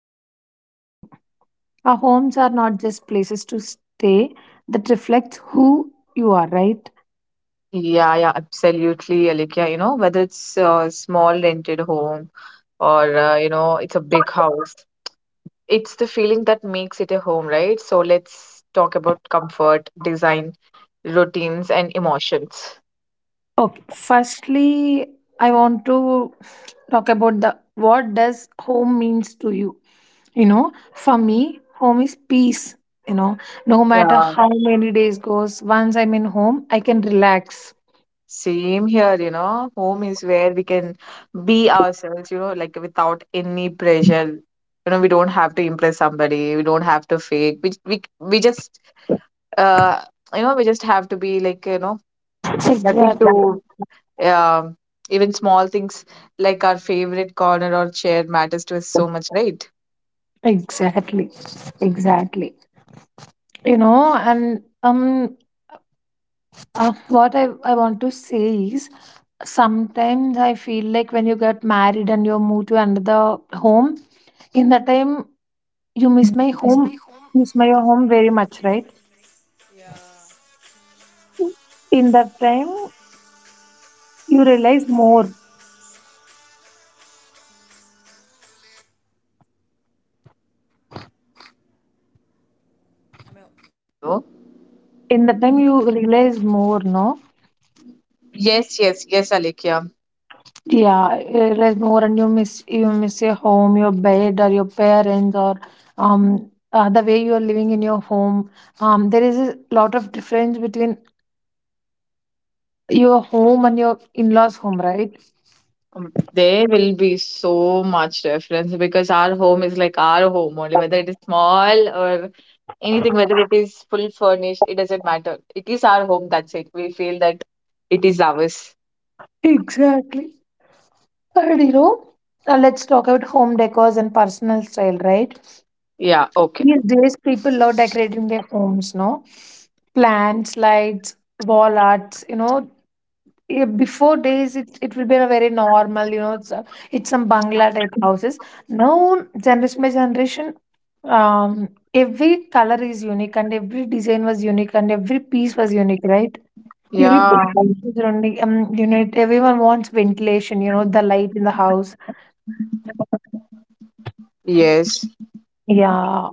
like home and living. Our homes are not just places to stay that reflect who you are, right? Yeah, yeah, absolutely, Alikya. You know, whether it's a small rented home or, you know, it's a big house, it's the feeling that makes it a home, right? So let's talk about comfort, design, routines, and emotions. Okay. Firstly, I want to talk about the what does home means to you. You know, for me, home is peace. You know, no matter Yeah. how many days goes, once I'm in home, I can relax. Same here, you know, home is where we can be ourselves, you know, like without any pressure. You know, we don't have to impress somebody, we don't have to fake. We just uh you know, we just have to be like, you know, nothing Exactly. to Um, even small things like our favorite corner or chair matters to us so much, right? Exactly, exactly. You know, and What I want to say is, sometimes I feel like when you get married and you move to another home, in that time you miss my home, very much, right? In that time you realize more. In that time you realize more, no? Yes, yes, yes, Alekhya. Yeah, less more, and you miss your home, your bed, or your parents, or the way you are living in your home. There is a lot of difference between your home and your in-laws' home, right? There will be so much difference because our home is like our home only, whether it is small or anything, whether it is full furnished, it doesn't matter. It is our home, that's it. We feel that it is ours. Exactly. And you know, let's talk about home decors and personal style, right? Yeah, okay. These days, people love decorating their homes, no? Plants, lights, wall arts, you know. Yeah, before days, it will be a very normal, you know, it's a, it's some Bangla type houses. Now, generation by generation, um, every color is unique and every design was unique and every piece was unique, right? Every Yeah, piece is unique. You know, everyone wants ventilation, you know, the light in the house. yes. Yeah,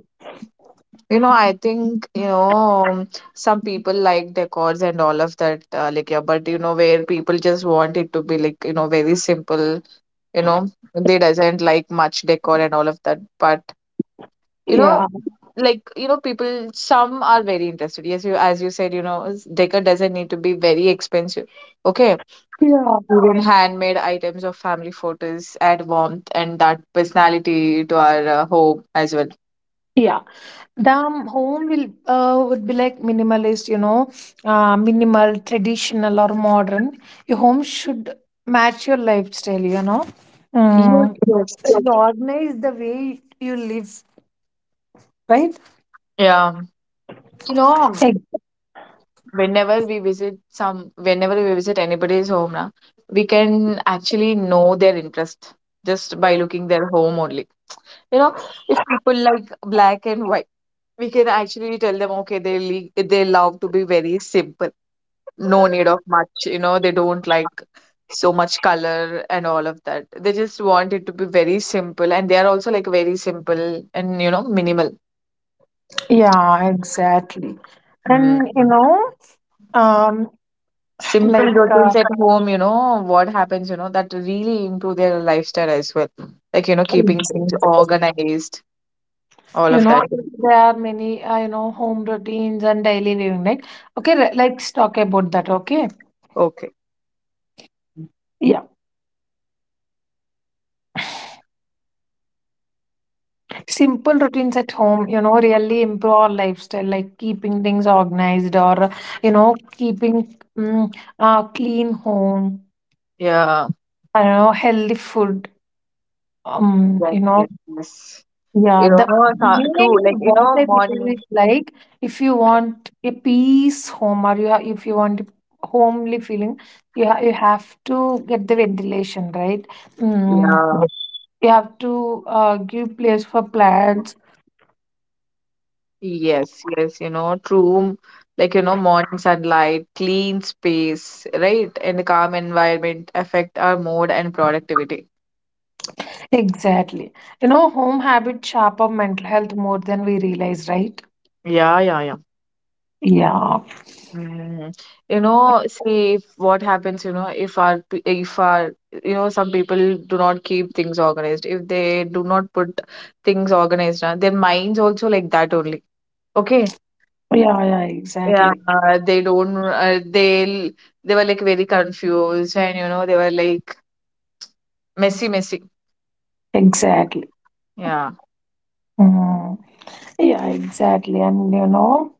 You know, I think, you know, some people like decors and all of that, like, yeah, but you know, where people just want it to be like, you know, very simple, you know, they doesn't like much decor and all of that. But you know, yeah, like, you know, people, some are very interested, yes, you, as you said, you know, decor doesn't need to be very expensive, okay, yeah, even handmade items of family photos add warmth and that personality to our home as well. yeah. The home will, would be like minimalist, you know, minimal, traditional, or modern. Your home should match your lifestyle, you know. Yes, mm, yes. you organize the way you live, right? Yeah, you know, Ex- whenever we visit anybody's home na, we can actually know their interest just by looking their home only, you know. If people like black and white, we can actually tell them, okay, they love to be very simple. No need of much, you know, they don't like so much color and all of that. They just want it to be very simple, and they are also like very simple and, you know, minimal. yeah, exactly. Mm. And you know, um Simple like, routines at home, you know, what happens, you know, that really improve their lifestyle as well. Like, you know, keeping things organized, all you of know, that. there are many, you know, home routines and daily living, right? Okay, let's talk about that. Okay. Okay. Yeah. Simple routines at home, you know, really improve our lifestyle, like keeping things organized, or you know, keeping, clean home, Yeah. I don't know, healthy food. Yes, You know, yes, yes. yeah, You know, the main true. Like, you what know, I believe morning. is like if you want a peace home, or if you want a homely feeling, you have to get the ventilation, right? Mm, Yeah. you have to, give place for plants. Yes, yes, you know, true. Like, you know, morning sunlight, clean space, right? And calm environment affect our mood and productivity. Exactly. You know, home habits shape our mental health more than we realize, right? Yeah, yeah, yeah. Yeah. Mm. You know, say if what happens, you know, if our, you know, some people do not keep things organized. If they do not put things organized, their minds also like that only. Okay. Yeah, yeah, Yeah. exactly. They don't. They were like very confused, and you know they were like messy, messy. Exactly. Yeah. Mm. Yeah, exactly. And you know,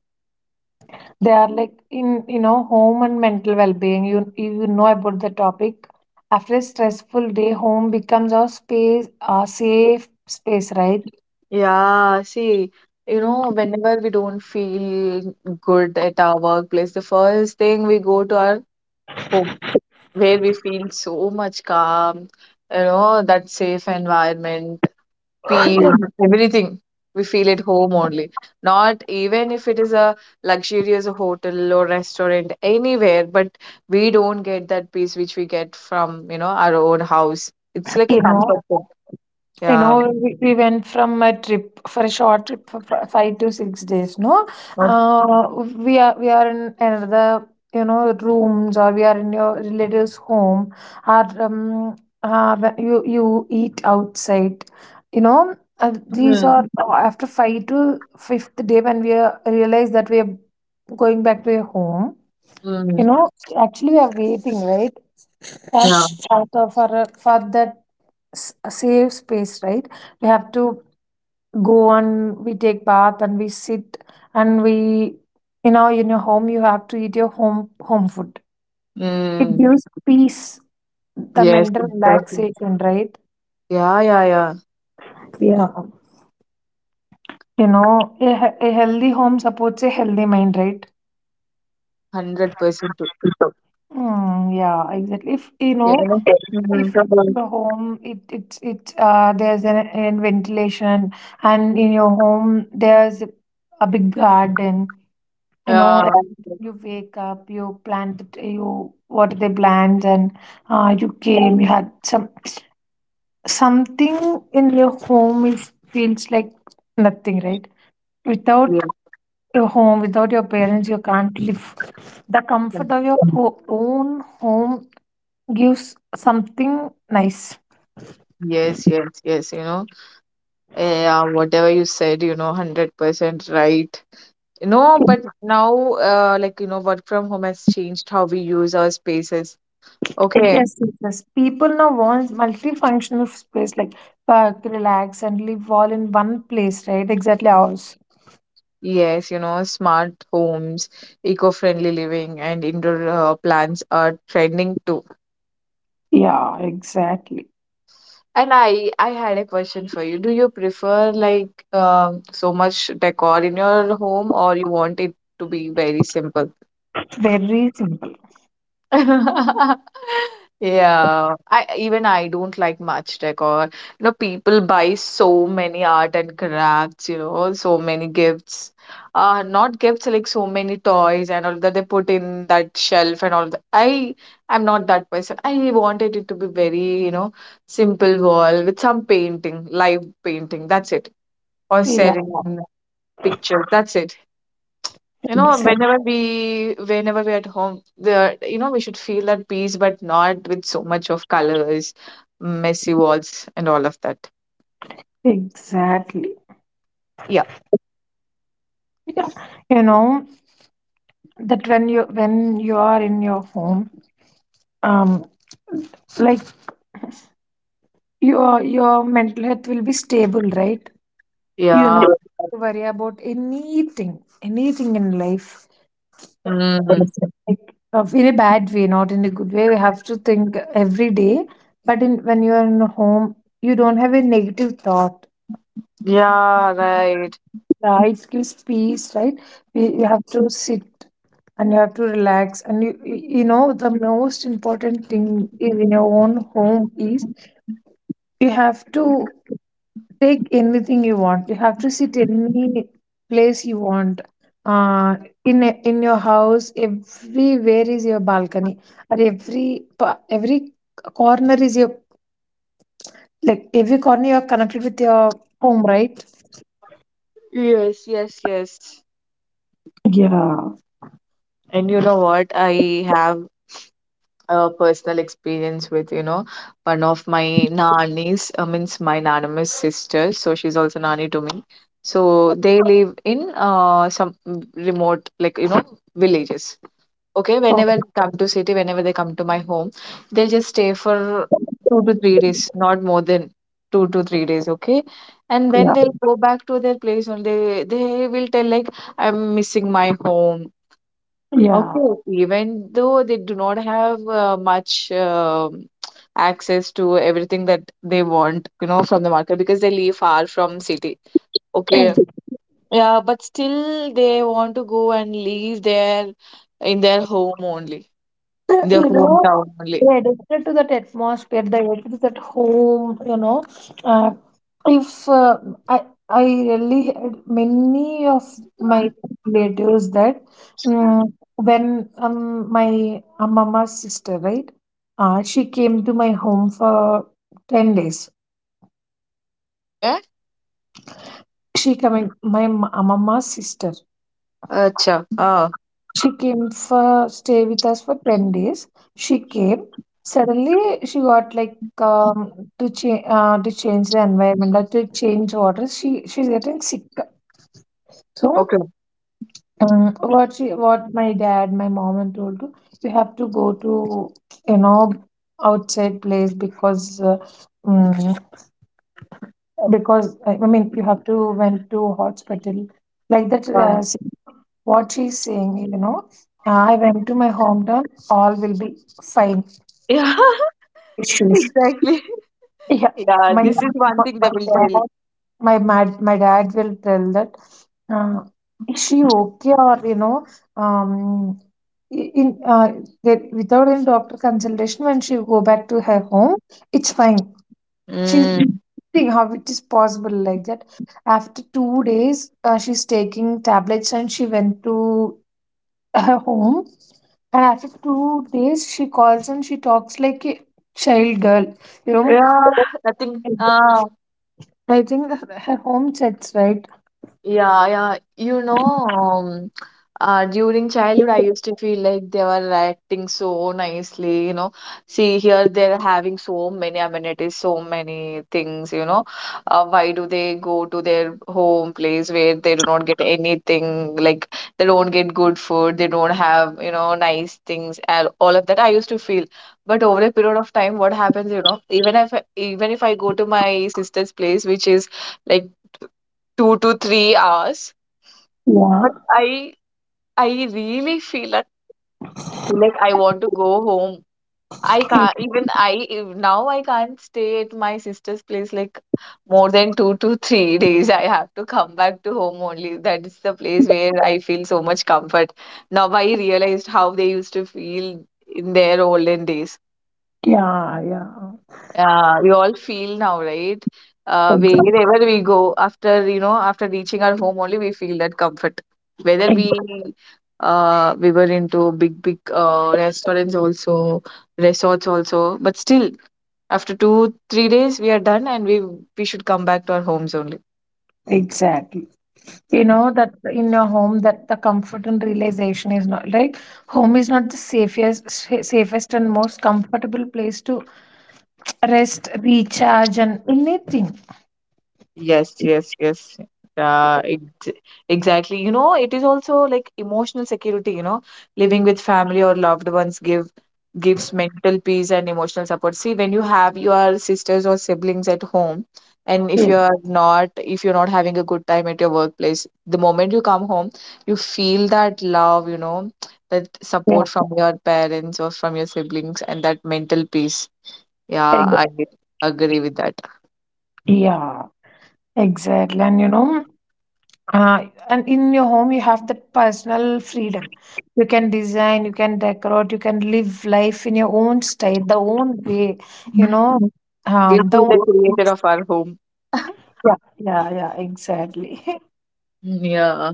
they are like in, you know, home and mental well being. You know about the topic. After a stressful day, home becomes our space, our safe space, right? Yeah, see, you know, whenever we don't feel good at our workplace, the first thing we go to our home, where we feel so much calm, you know, that safe environment, peace, everything. We feel at home only. Not even if it is a luxurious hotel or restaurant, anywhere, but we don't get that peace which we get from, you know, our own house. It's like a you know comfort zone. You Yeah. know, we went from a short trip for 5 to 6 days. No, uh, we are in another, you know, rooms, or we are in your relatives' home. Or, when you eat outside. You know, these Hmm. are, after five to fifth day when realize that we are going back to your home. You Mm, know, actually, we are waiting, right, yeah. for for that safe space, right? We have to go and we take bath and we sit, and we, you know, in your home you have to eat your home food. It Mm. gives peace, the Yes, mental exactly. relaxation, right? Yeah, yeah, yeah. Yeah. You know, a, a healthy home supports a healthy mind, right? 100% too. Mm, yeah, exactly. If you Yeah, you know, know? Mm-hmm. if the home, it it's there's an ventilation, and in your home there's a big garden, you Yeah. know. You wake up, you plan the day. You What are the plans? And, you had something in your home. It feels like nothing, right? Without Yes, your home, without your parents, you can't live. The comfort of your own home gives something nice. yes, yes, yes, you know. Yeah, whatever you said, you know, 100% right. You know, but now, like, you know, work from home has changed how we use our spaces. Okay. Yes, yes, yes. People now want multifunctional space like work, relax, and live all in one place, right? Exactly. Ours. Yes, you know, smart homes, eco-friendly living, and indoor plants are trending too. Yeah, exactly. And I had a question for you. Do you prefer like so much decor in your home or you want it to be very simple? Very simple. Yeah, I even I don't like much decor. You know, people buy so many art and crafts, you know, so many gifts. Not gifts, like so many toys and all that they put in that shelf and all that. I am not that person. I wanted it to be very, you know, simple wall with some painting, live painting. That's it. Or Yeah. serene pictures. That's it. You know, Exactly. Whenever we're at home, there, you know, we should feel that peace, but not with so much of colors, messy walls, and all of that. Exactly. Yeah. Yeah. You know that when you are in your home, um, like, your mental health will be stable, right? You know. Yeah, Yeah. To worry about anything, anything in life. Yes. Mm. Like, in a bad way, not in a good way. We have to think every day. But in, when you are in a home, you don't have a negative thought. yeah, right. Right, it gives peace, right? You have to sit and you have to relax. And the most important thing in your own home is you have to take anything you want. You have to sit any place you want. Uh, in in your house, everywhere is your balcony, or every every corner is your, like, every corner you're connected with your home, right? Yes, yes, yes. Yeah. And you know what? I have a personal experience with, you know, one of my nannies, means my anonymous sister. So she's also nanny to me. So they live in some remote, like, you know, villages. Okay, Oh, whenever they come to city, whenever they come to my home, they just stay for 2 to 3 days, not more than 2 to 3 days, okay? And then yeah. they'll go back to their place only. They will tell like, I'm missing my home. Okay, Yeah. even though they do not have much access to everything that they want, you know, from the market because they live far from city. Okay, yeah, but still they want to go and live there in their home only. In their You know, hometown only. we're addicted to that atmosphere, the addicted to that home, you know. Uh, if uh, i I really had many of my relatives that, um, when, my, mama's sister, right, she came to my home for 10 days. Okay. She coming, my mama's sister. Acha. Ah, She came for stay with us for 10 days. She came. Suddenly she got like, to change, to change the environment or to change water. She's getting sick. So, okay. What she, what my dad, my mom and told to, you have to go to, you know, outside place because, mm, because I mean you have to went to hospital like that. Ah. What she's saying, you know, I went to my hometown, all will be fine. Yeah, Issues. exactly. Yeah. Yeah, My this is one thing my they will dad, tell. my dad will tell that, uh, is she okay or, you know, um, I- in that without any doctor consultation, when she go back to her home, it's fine. She's Mm. think how it is possible like that. After 2 days, she's taking tablets and she went to her home. And after 2 days, she calls and she talks like a child girl. You know, Yeah, nothing. Ah, I think her home sets right. yeah, yeah. You know, um, during childhood, I used to feel like they were acting so nicely. You know, see here they're having so many amenities, so many things. You know, why do they go to their home place where they do not get anything? Like they don't get good food, they don't have you know nice things, and all of that. I used to feel, but over a period of time, what happens? You know, even if I go to my sister's place, which is like 2 to 3 hours, Yeah, but I really feel that like I want to go home. I e- can't even I if now I can't stay at my sister's place like more than 2 to 3 days. I have to come back to home only. That is the place where I feel so much comfort. Now I realized how they used to feel in their olden days. yeah, yeah. Yeah, we all feel now, right? Exactly. Wherever we go, after you know, after reaching our home, only we feel that comfort. Whether we were into big, big restaurants also, resorts also, but still, after two, 3 days, we are done, and we should come back to our homes only. Exactly. You know that in your home, that the comfort and realization is not like, home is not the safest, safest and most comfortable place to rest, recharge, and anything. Yes, yes, yes. Ex Exactly. You know, it is also like emotional security, you know, living with family or loved ones gives mental peace and emotional support. See, when you have your sisters or siblings at home, and Yes. If you're not having a good time at your workplace, the moment you come home, you feel that love, you know, that Yeah, support from your parents or from your siblings and that mental peace. Yeah, ex- I agree with that. yeah, exactly. And you know. And in your home, you have that personal freedom. You can design, you can decorate, you can live life in your own style, the own way, you know, We'll the be the own. creator of our home. Yeah, yeah, yeah, exactly. Yeah.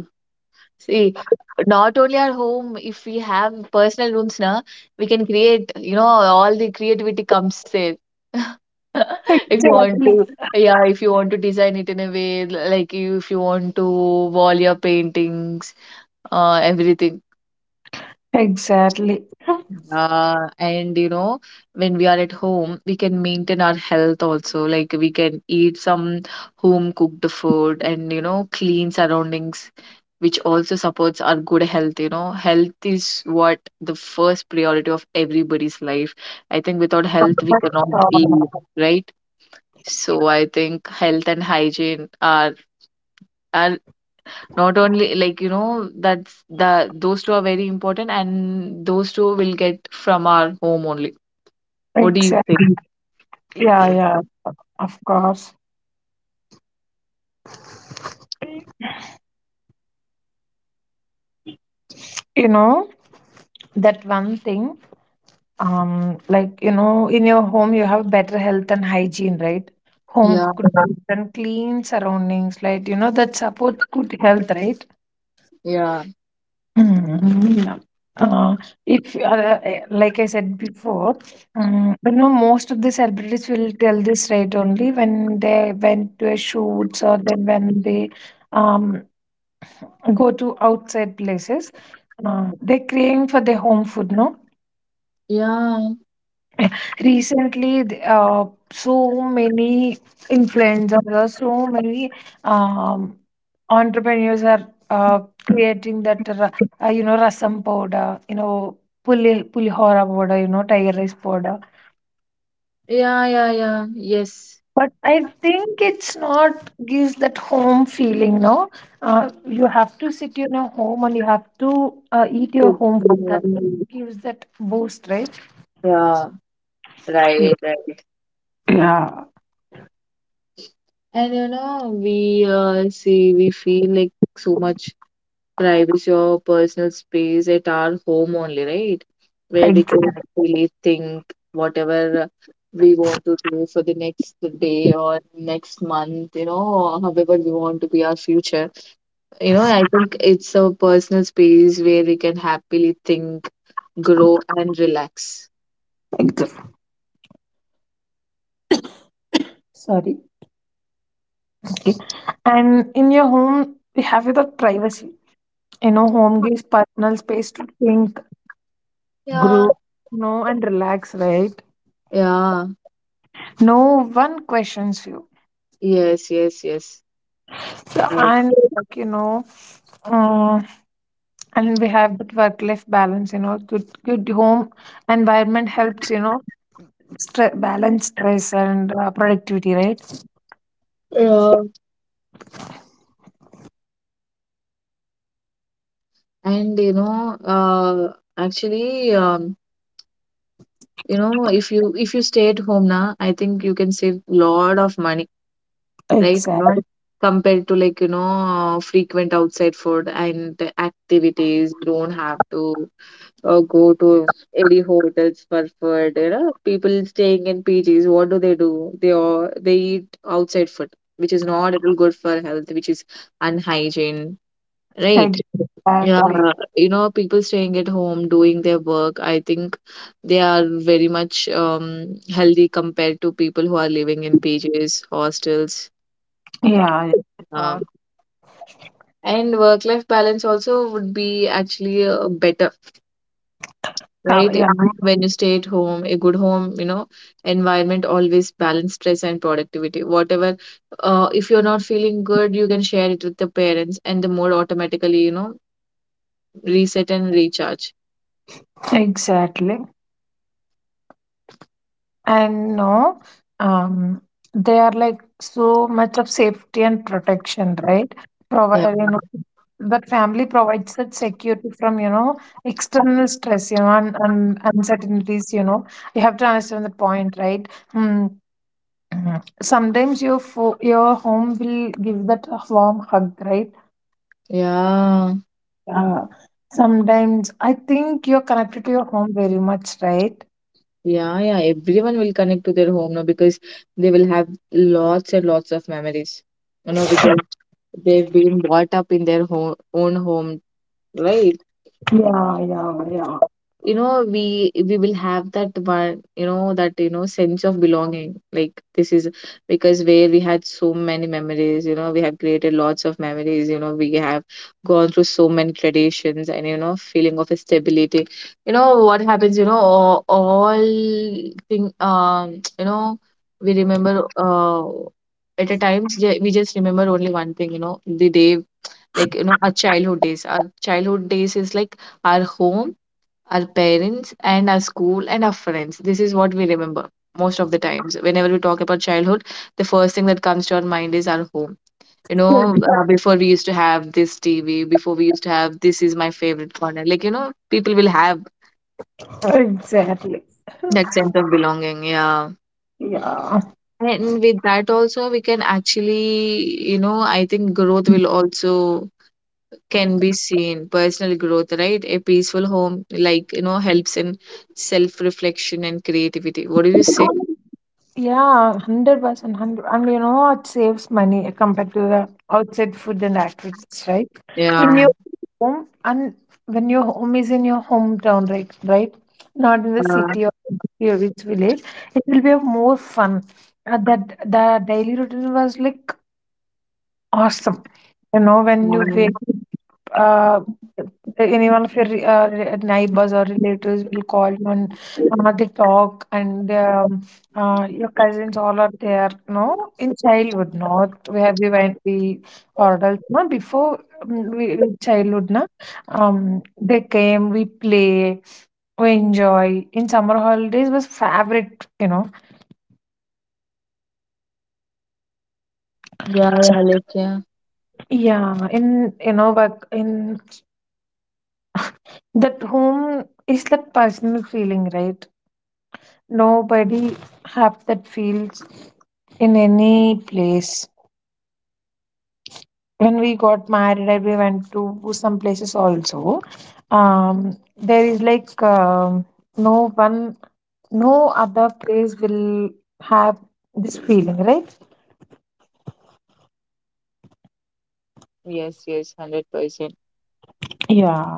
See, not only our home, if we have personal rooms now, we can create, you know, all the creativity comes there. If you Yes. want Exactly. to, yeah, if you want to design it in a way, like you, if you want to wall your paintings, everything. Exactly. And you know, when we are at home, we can maintain our health also. Like we can eat some home cooked food and you know, clean surroundings, which also supports our good health. You know, health is what the first priority of everybody's life. I think without health, we cannot live, right? So I think health and hygiene are are not only like you know that's the, those two are very important and those two will get from our home only. What do you exactly. Yeah, think? yeah, of course. You know, that one thing. Like, you know, in your home, you have better health and hygiene, right? Home Yeah, cooked foods and clean surroundings, like, you know, that supports good health, right? yeah, Mm, yeah. Uh, if eh, like I said before, you know, most of the celebrities will tell this right only when they went to a shoots, or then when they, um go to outside places. They crave for their home food, no? yeah, Recently, so many influencers, or so many, um, entrepreneurs are, creating that, you know, rasam powder, you know, pulihora powder, you know, tiger rice powder. yeah, yeah, yeah. Yes. But I think it's not gives that home feeling, no? You have to sit in your home and you have to, eat your So, home food. yeah, That gives that boost, right? yeah, right, right. And you know, we see, we feel like so much privacy or personal space at our home only, right? Where we can Exactly. actually think whatever we want to do for the next day or next month, you know, or however we want to be our future. You know, I think it's a personal space where we can happily think grow and relax. Exactly. Sorry. Okay. And in your home, we have that privacy. You know, home gives personal space to think, grow, Yeah. you know, and relax, right? Yeah, No one questions you. yes, yes, yes. Yeah. I And like, you know, um, and we have that work-life balance. You know, good home environment helps. You know, balance stress and, productivity, right? Yeah. And you know, you know, if you stay at home now, I think you can save lot of money, right? You know, Exactly. compared to like, you know, frequent outside food and the activities, you don't have to or go to any hotels for food. You know, people staying in PGs, what do? They all they eat outside food, which is not at all good for health, which is unhygiene, right? Yeah, Exactly. you know, people staying at home doing their work. I think they are very much healthy compared to people who are living in PGs, hostels. Yeah, yeah, of course. Um, and work life balance also would be actually better, right? Yeah. When you stay at home, a good home, environment always balance stress and productivity. Whatever, if you're not feeling good, you can share it with the parents, and the mood automatically, reset and recharge. Exactly. And no, um they are like so much of safety and protection, right? Yeah. You know, that family provides that security from, you know, external stress, you know, and uncertainties, you know. You have to understand the point, right? Hmm. Mhm. Sometimes your your home will give that a warm hug, right? Yeah, uh, sometimes I think you're connected to your home very much, right? yeah, yeah. Everyone will connect to their home now because they will have lots and lots of memories, because they've been brought up in their home, own home, right? Yeah, yeah, yeah. You know we will have that one, you know, that, you know, sense of belonging, like this is because where we had so many memories, you know, we have created lots of memories, you know, we have gone through so many traditions, and, you know, feeling of stability. You know what happens, you know, all thing you know, we remember uh, at a time, we just remember only one thing, you know, the day, like, you know, our childhood days. Our childhood days is like our home, our parents and our school and our friends. This is what we remember most of the times. Whenever we talk about childhood, the first thing that comes to our mind is our home. You Yes, know, before we used to have this TV, before we used to have this is my favorite corner. Like, you know, people will have exactly. that sense of belonging. Yeah. Yeah. And with that also, we can actually, you know, I think growth will also can be seen. Personal growth, right? A peaceful home, like, you know, helps in self reflection and creativity. What do you say? Yeah, 100%. 100. And you know what saves money compared to the outside food and activities, right? In Yeah. your home, and when your home is in your hometown, right? Right? Not in the Yeah, city or your rich village, it will be more fun. That the daily routine was like awesome. You know, when you wake yeah, uh, anyone of your neighbors or relatives will call you and they talk and your cousins all are there no in childhood not where we went we adults no before we in childhood na they came we play we enjoy in summer holidays was favorite you know yeah, yeah, like, yeah. yeah in you know But in that home is that personal feeling, right? Nobody have that feels in any place. When we got married and we went to some places also, there is like no one, no other place will have this feeling, right? Yes, yes, 100%. Yeah.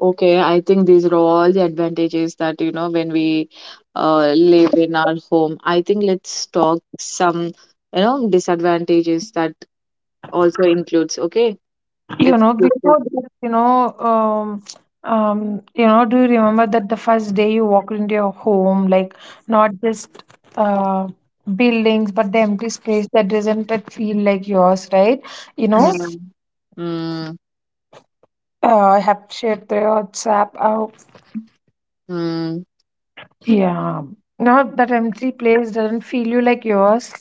Okay, I think these are all the advantages that, you know, when we live in our home. I think let's talk some, you know, disadvantages that also includes. Okay, You let's know, discuss. before that, you know, do you remember that the first day you walked into your home, like not just uh, buildings, but the empty space that doesn't that feel like yours, right? You know, Yeah. Mm, I have shared through WhatsApp. Oh, mm. yeah. Now that empty place doesn't feel you like yours.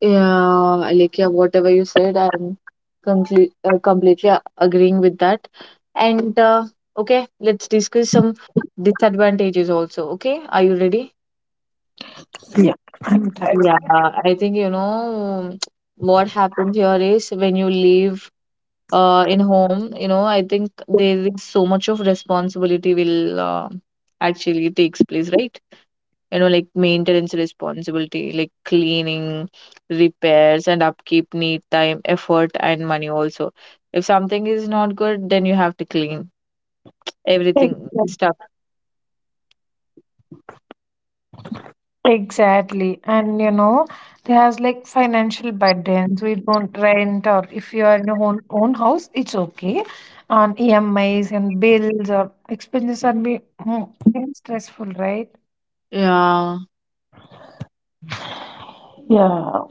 Yeah, Alekia, whatever you said, I'm completely agreeing with that. And okay, let's discuss some disadvantages also. Okay, are you ready? Yeah, I'm tired. Yeah, I think, you know, what happens here is when you leave in home, you know, I think there is so much of responsibility will actually takes place, right? You know, like maintenance responsibility, like cleaning, repairs and upkeep need time, effort and money also. If something is not good, then you have to clean everything, stuff. Exactly. And you know, there's like financial burdens. We don't rent, or if you are in your own house, it's okay. On EMIs and bills or expenses are be very stressful, right? Yeah. Yeah.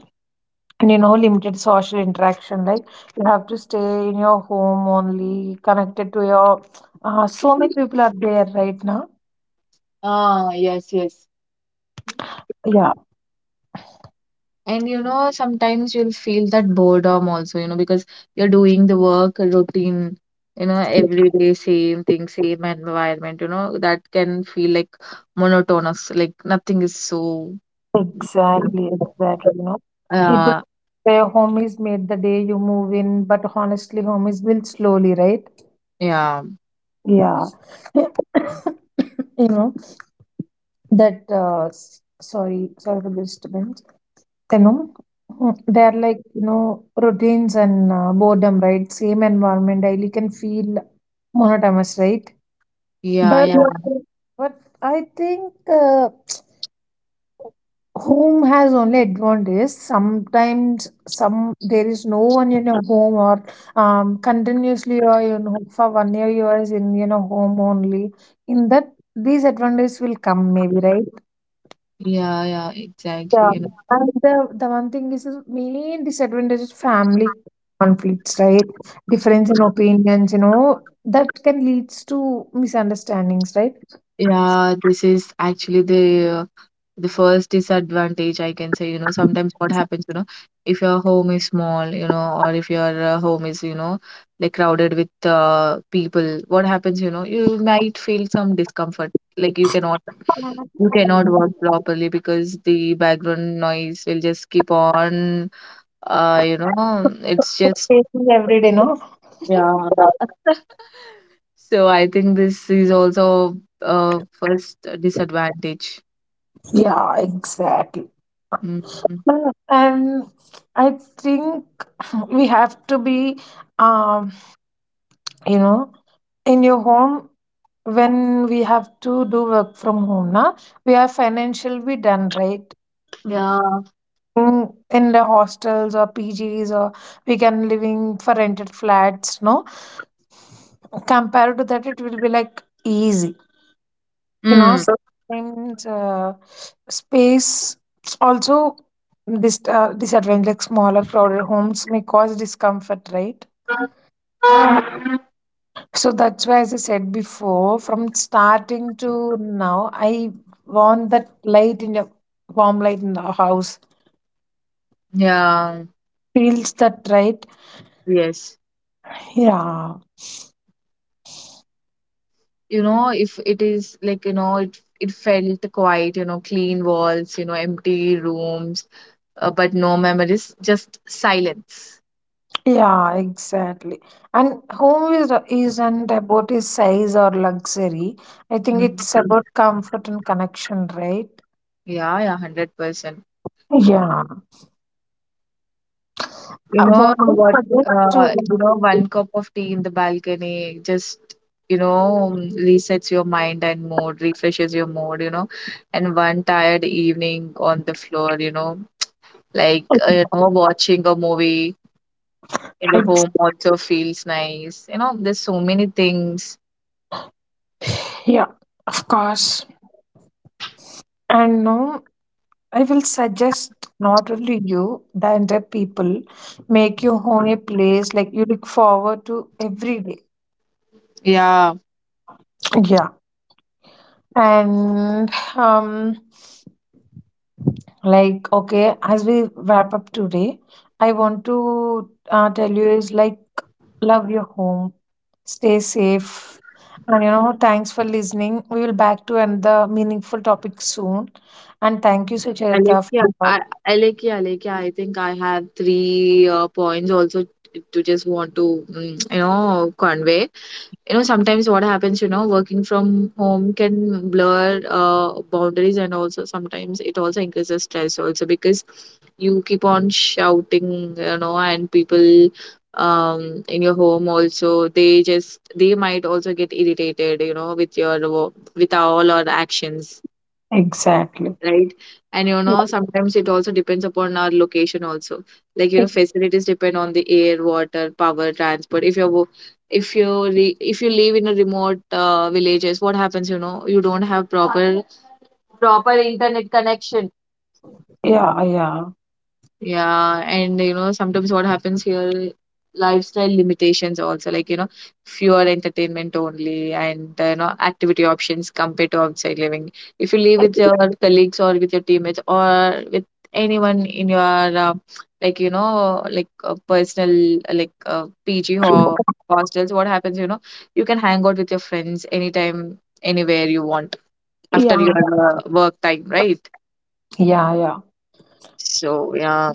And you know, limited social interaction. Like you have to stay in your home only, connected to your. So many people are there right now. Ah, yes, yes. Yeah. And you know, sometimes you'll feel that boredom also, you know, because you're doing the work routine, you know, every day, same thing, same environment, you know, that can feel like monotonous, like nothing is so, Exactly. Exactly. You know. People uh, where home is made the day you move in, but honestly, home is built slowly, right? yeah, Yeah. You know that. Sorry, sorry for the disturbance. You know, they are like, you know, routines and boredom, right? Same environment daily can feel monotonous, right? yeah, But yeah. But I think. Home has only advantage sometimes some there is no one in your home or continuously, or you know, for 1 year you are in, you know, home only. In that these advantages will come maybe, right? Yeah, yeah, exactly. Yeah. You know, And the one thing is the main disadvantage is family conflicts, right? Difference in opinions, you know, that can leads to misunderstandings, right? yeah, this is actually the first disadvantage I can say. You know, sometimes what happens, you know, if your home is small, you know, or if your home is, you know, like crowded with people, what happens, you know, you might feel some discomfort. Like you cannot work properly because the background noise will just keep on. You know, it's just Facing every day, no? yeah. So I think this is also a first disadvantage. Yeah, exactly. Mhm. And I think we have to be, um, you know, in your home when we have to do work from home. Na, we are financially done, right? Yeah. Mm, In the hostels or PGs, or we can living for rented flats. No, compared to that, it will be like easy. You know. Mm. So, sometimes space also this disadvantage, like smaller crowded homes may cause discomfort, right? So that's why, as I said before, from starting to now, I want that light in the warm light in the house. Yeah, Feels that right? yes. Yeah, You know, if it is like, you know, it felt quite, you know, clean walls, you know, empty rooms, but no memories, just silence. yeah, exactly. And home is isn't about its size or luxury. I think Mhm. it's about comfort and connection, right? Yeah, yeah, 100%. Yeah. You know What we what? forget to You know, one cup of tea in the balcony just, you know, resets your mind and mood, refreshes your mood, you know. And one tired evening on the floor, you know, like, you know, watching a movie in the Ex- home also feels nice. You know, there's so many things. yeah, of course. And no. I will suggest not only you, the entire people, make your home a place like you look forward to every day. Yeah. Yeah. And um like okay, as we wrap up today, I want to tell you is like love your home, stay safe, and you know thanks for listening. We will back to another meaningful topic soon, and thank you, Sucharita. For, Alekia, your- I, Alekia, I think I have 3 points also to just want to, mm, you know, convey. You know, sometimes what happens, you know, working from home can blur boundaries, and also sometimes it also increases stress also because you keep on shouting, you know, and people, in your home also, they just they might also get irritated, you know, with your with all our actions, Exactly. right? And you Yeah, know, sometimes it also depends upon our location also, like, you know, facilities depend on the air, water, power, transport. If you're if you live in a remote villages, what happens, you know, you don't have proper internet connection. yeah, yeah. Yeah. And you know, sometimes what happens here, lifestyle limitations also, like, you know, fewer entertainment only, and you know, activity options compared to outside living. If you live with your colleagues or with your teammates or with anyone in your like, you know, like personal like PG or hostels, what happens, you know, you can hang out with your friends anytime, anywhere you want after your Yeah. Work time, right? Yeah, yeah. So, yeah.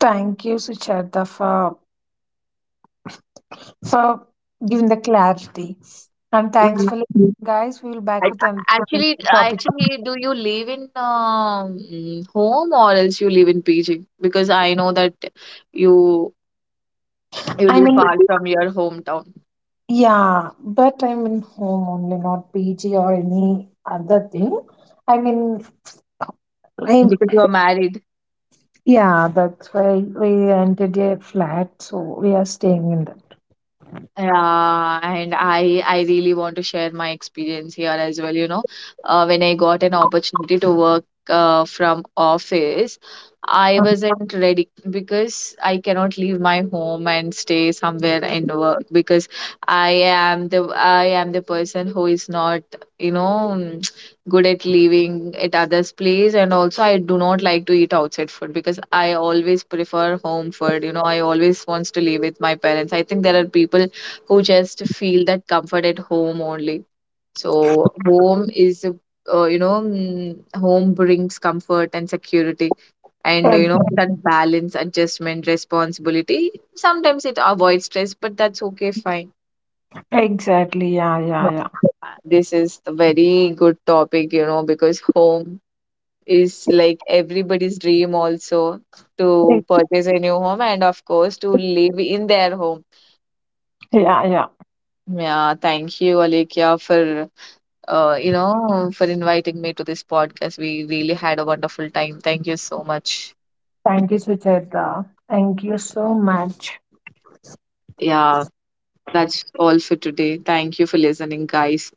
Thank you, Sucheta, for giving the clarity. And thanks for listening, guys. We'll I, back with another topic. actually, do you live in home or else you live in PG? Because I know that you you I live mean, far from your hometown yeah, but I'm in home only, not PG or any other thing. I mean, I'm, because you are married. yeah, that's why we entered a flat, so we are staying in Yeah, and I really want to share my experience here as well. You know, when I got an opportunity to work from office, I that. wasn't ready because I cannot leave my home and stay somewhere and work because I am the person who is not, you know, mm, good at leaving at others' place, and also I do not like to eat outside food because I always prefer home food. You know, I always wants to live with my parents. I think there are people who just feel that comfort at home only. So you know, mm, home brings comfort and security, and you know Ex- that balance, adjustment, responsibility. Sometimes it avoids stress, but that's okay, fine. Exactly. Yeah, yeah, yeah. Yeah. This is a very good topic, you know, because home is like everybody's dream also to Ex- purchase a new home and of course to live in their home. Yeah, yeah. Yeah, thank you, Alekia, for you know, for inviting me to this podcast. We really had a wonderful time. Thank you so much. Thank you, Sucheta. Thank you so much. Yeah, that's all for today. Thank you for listening, guys.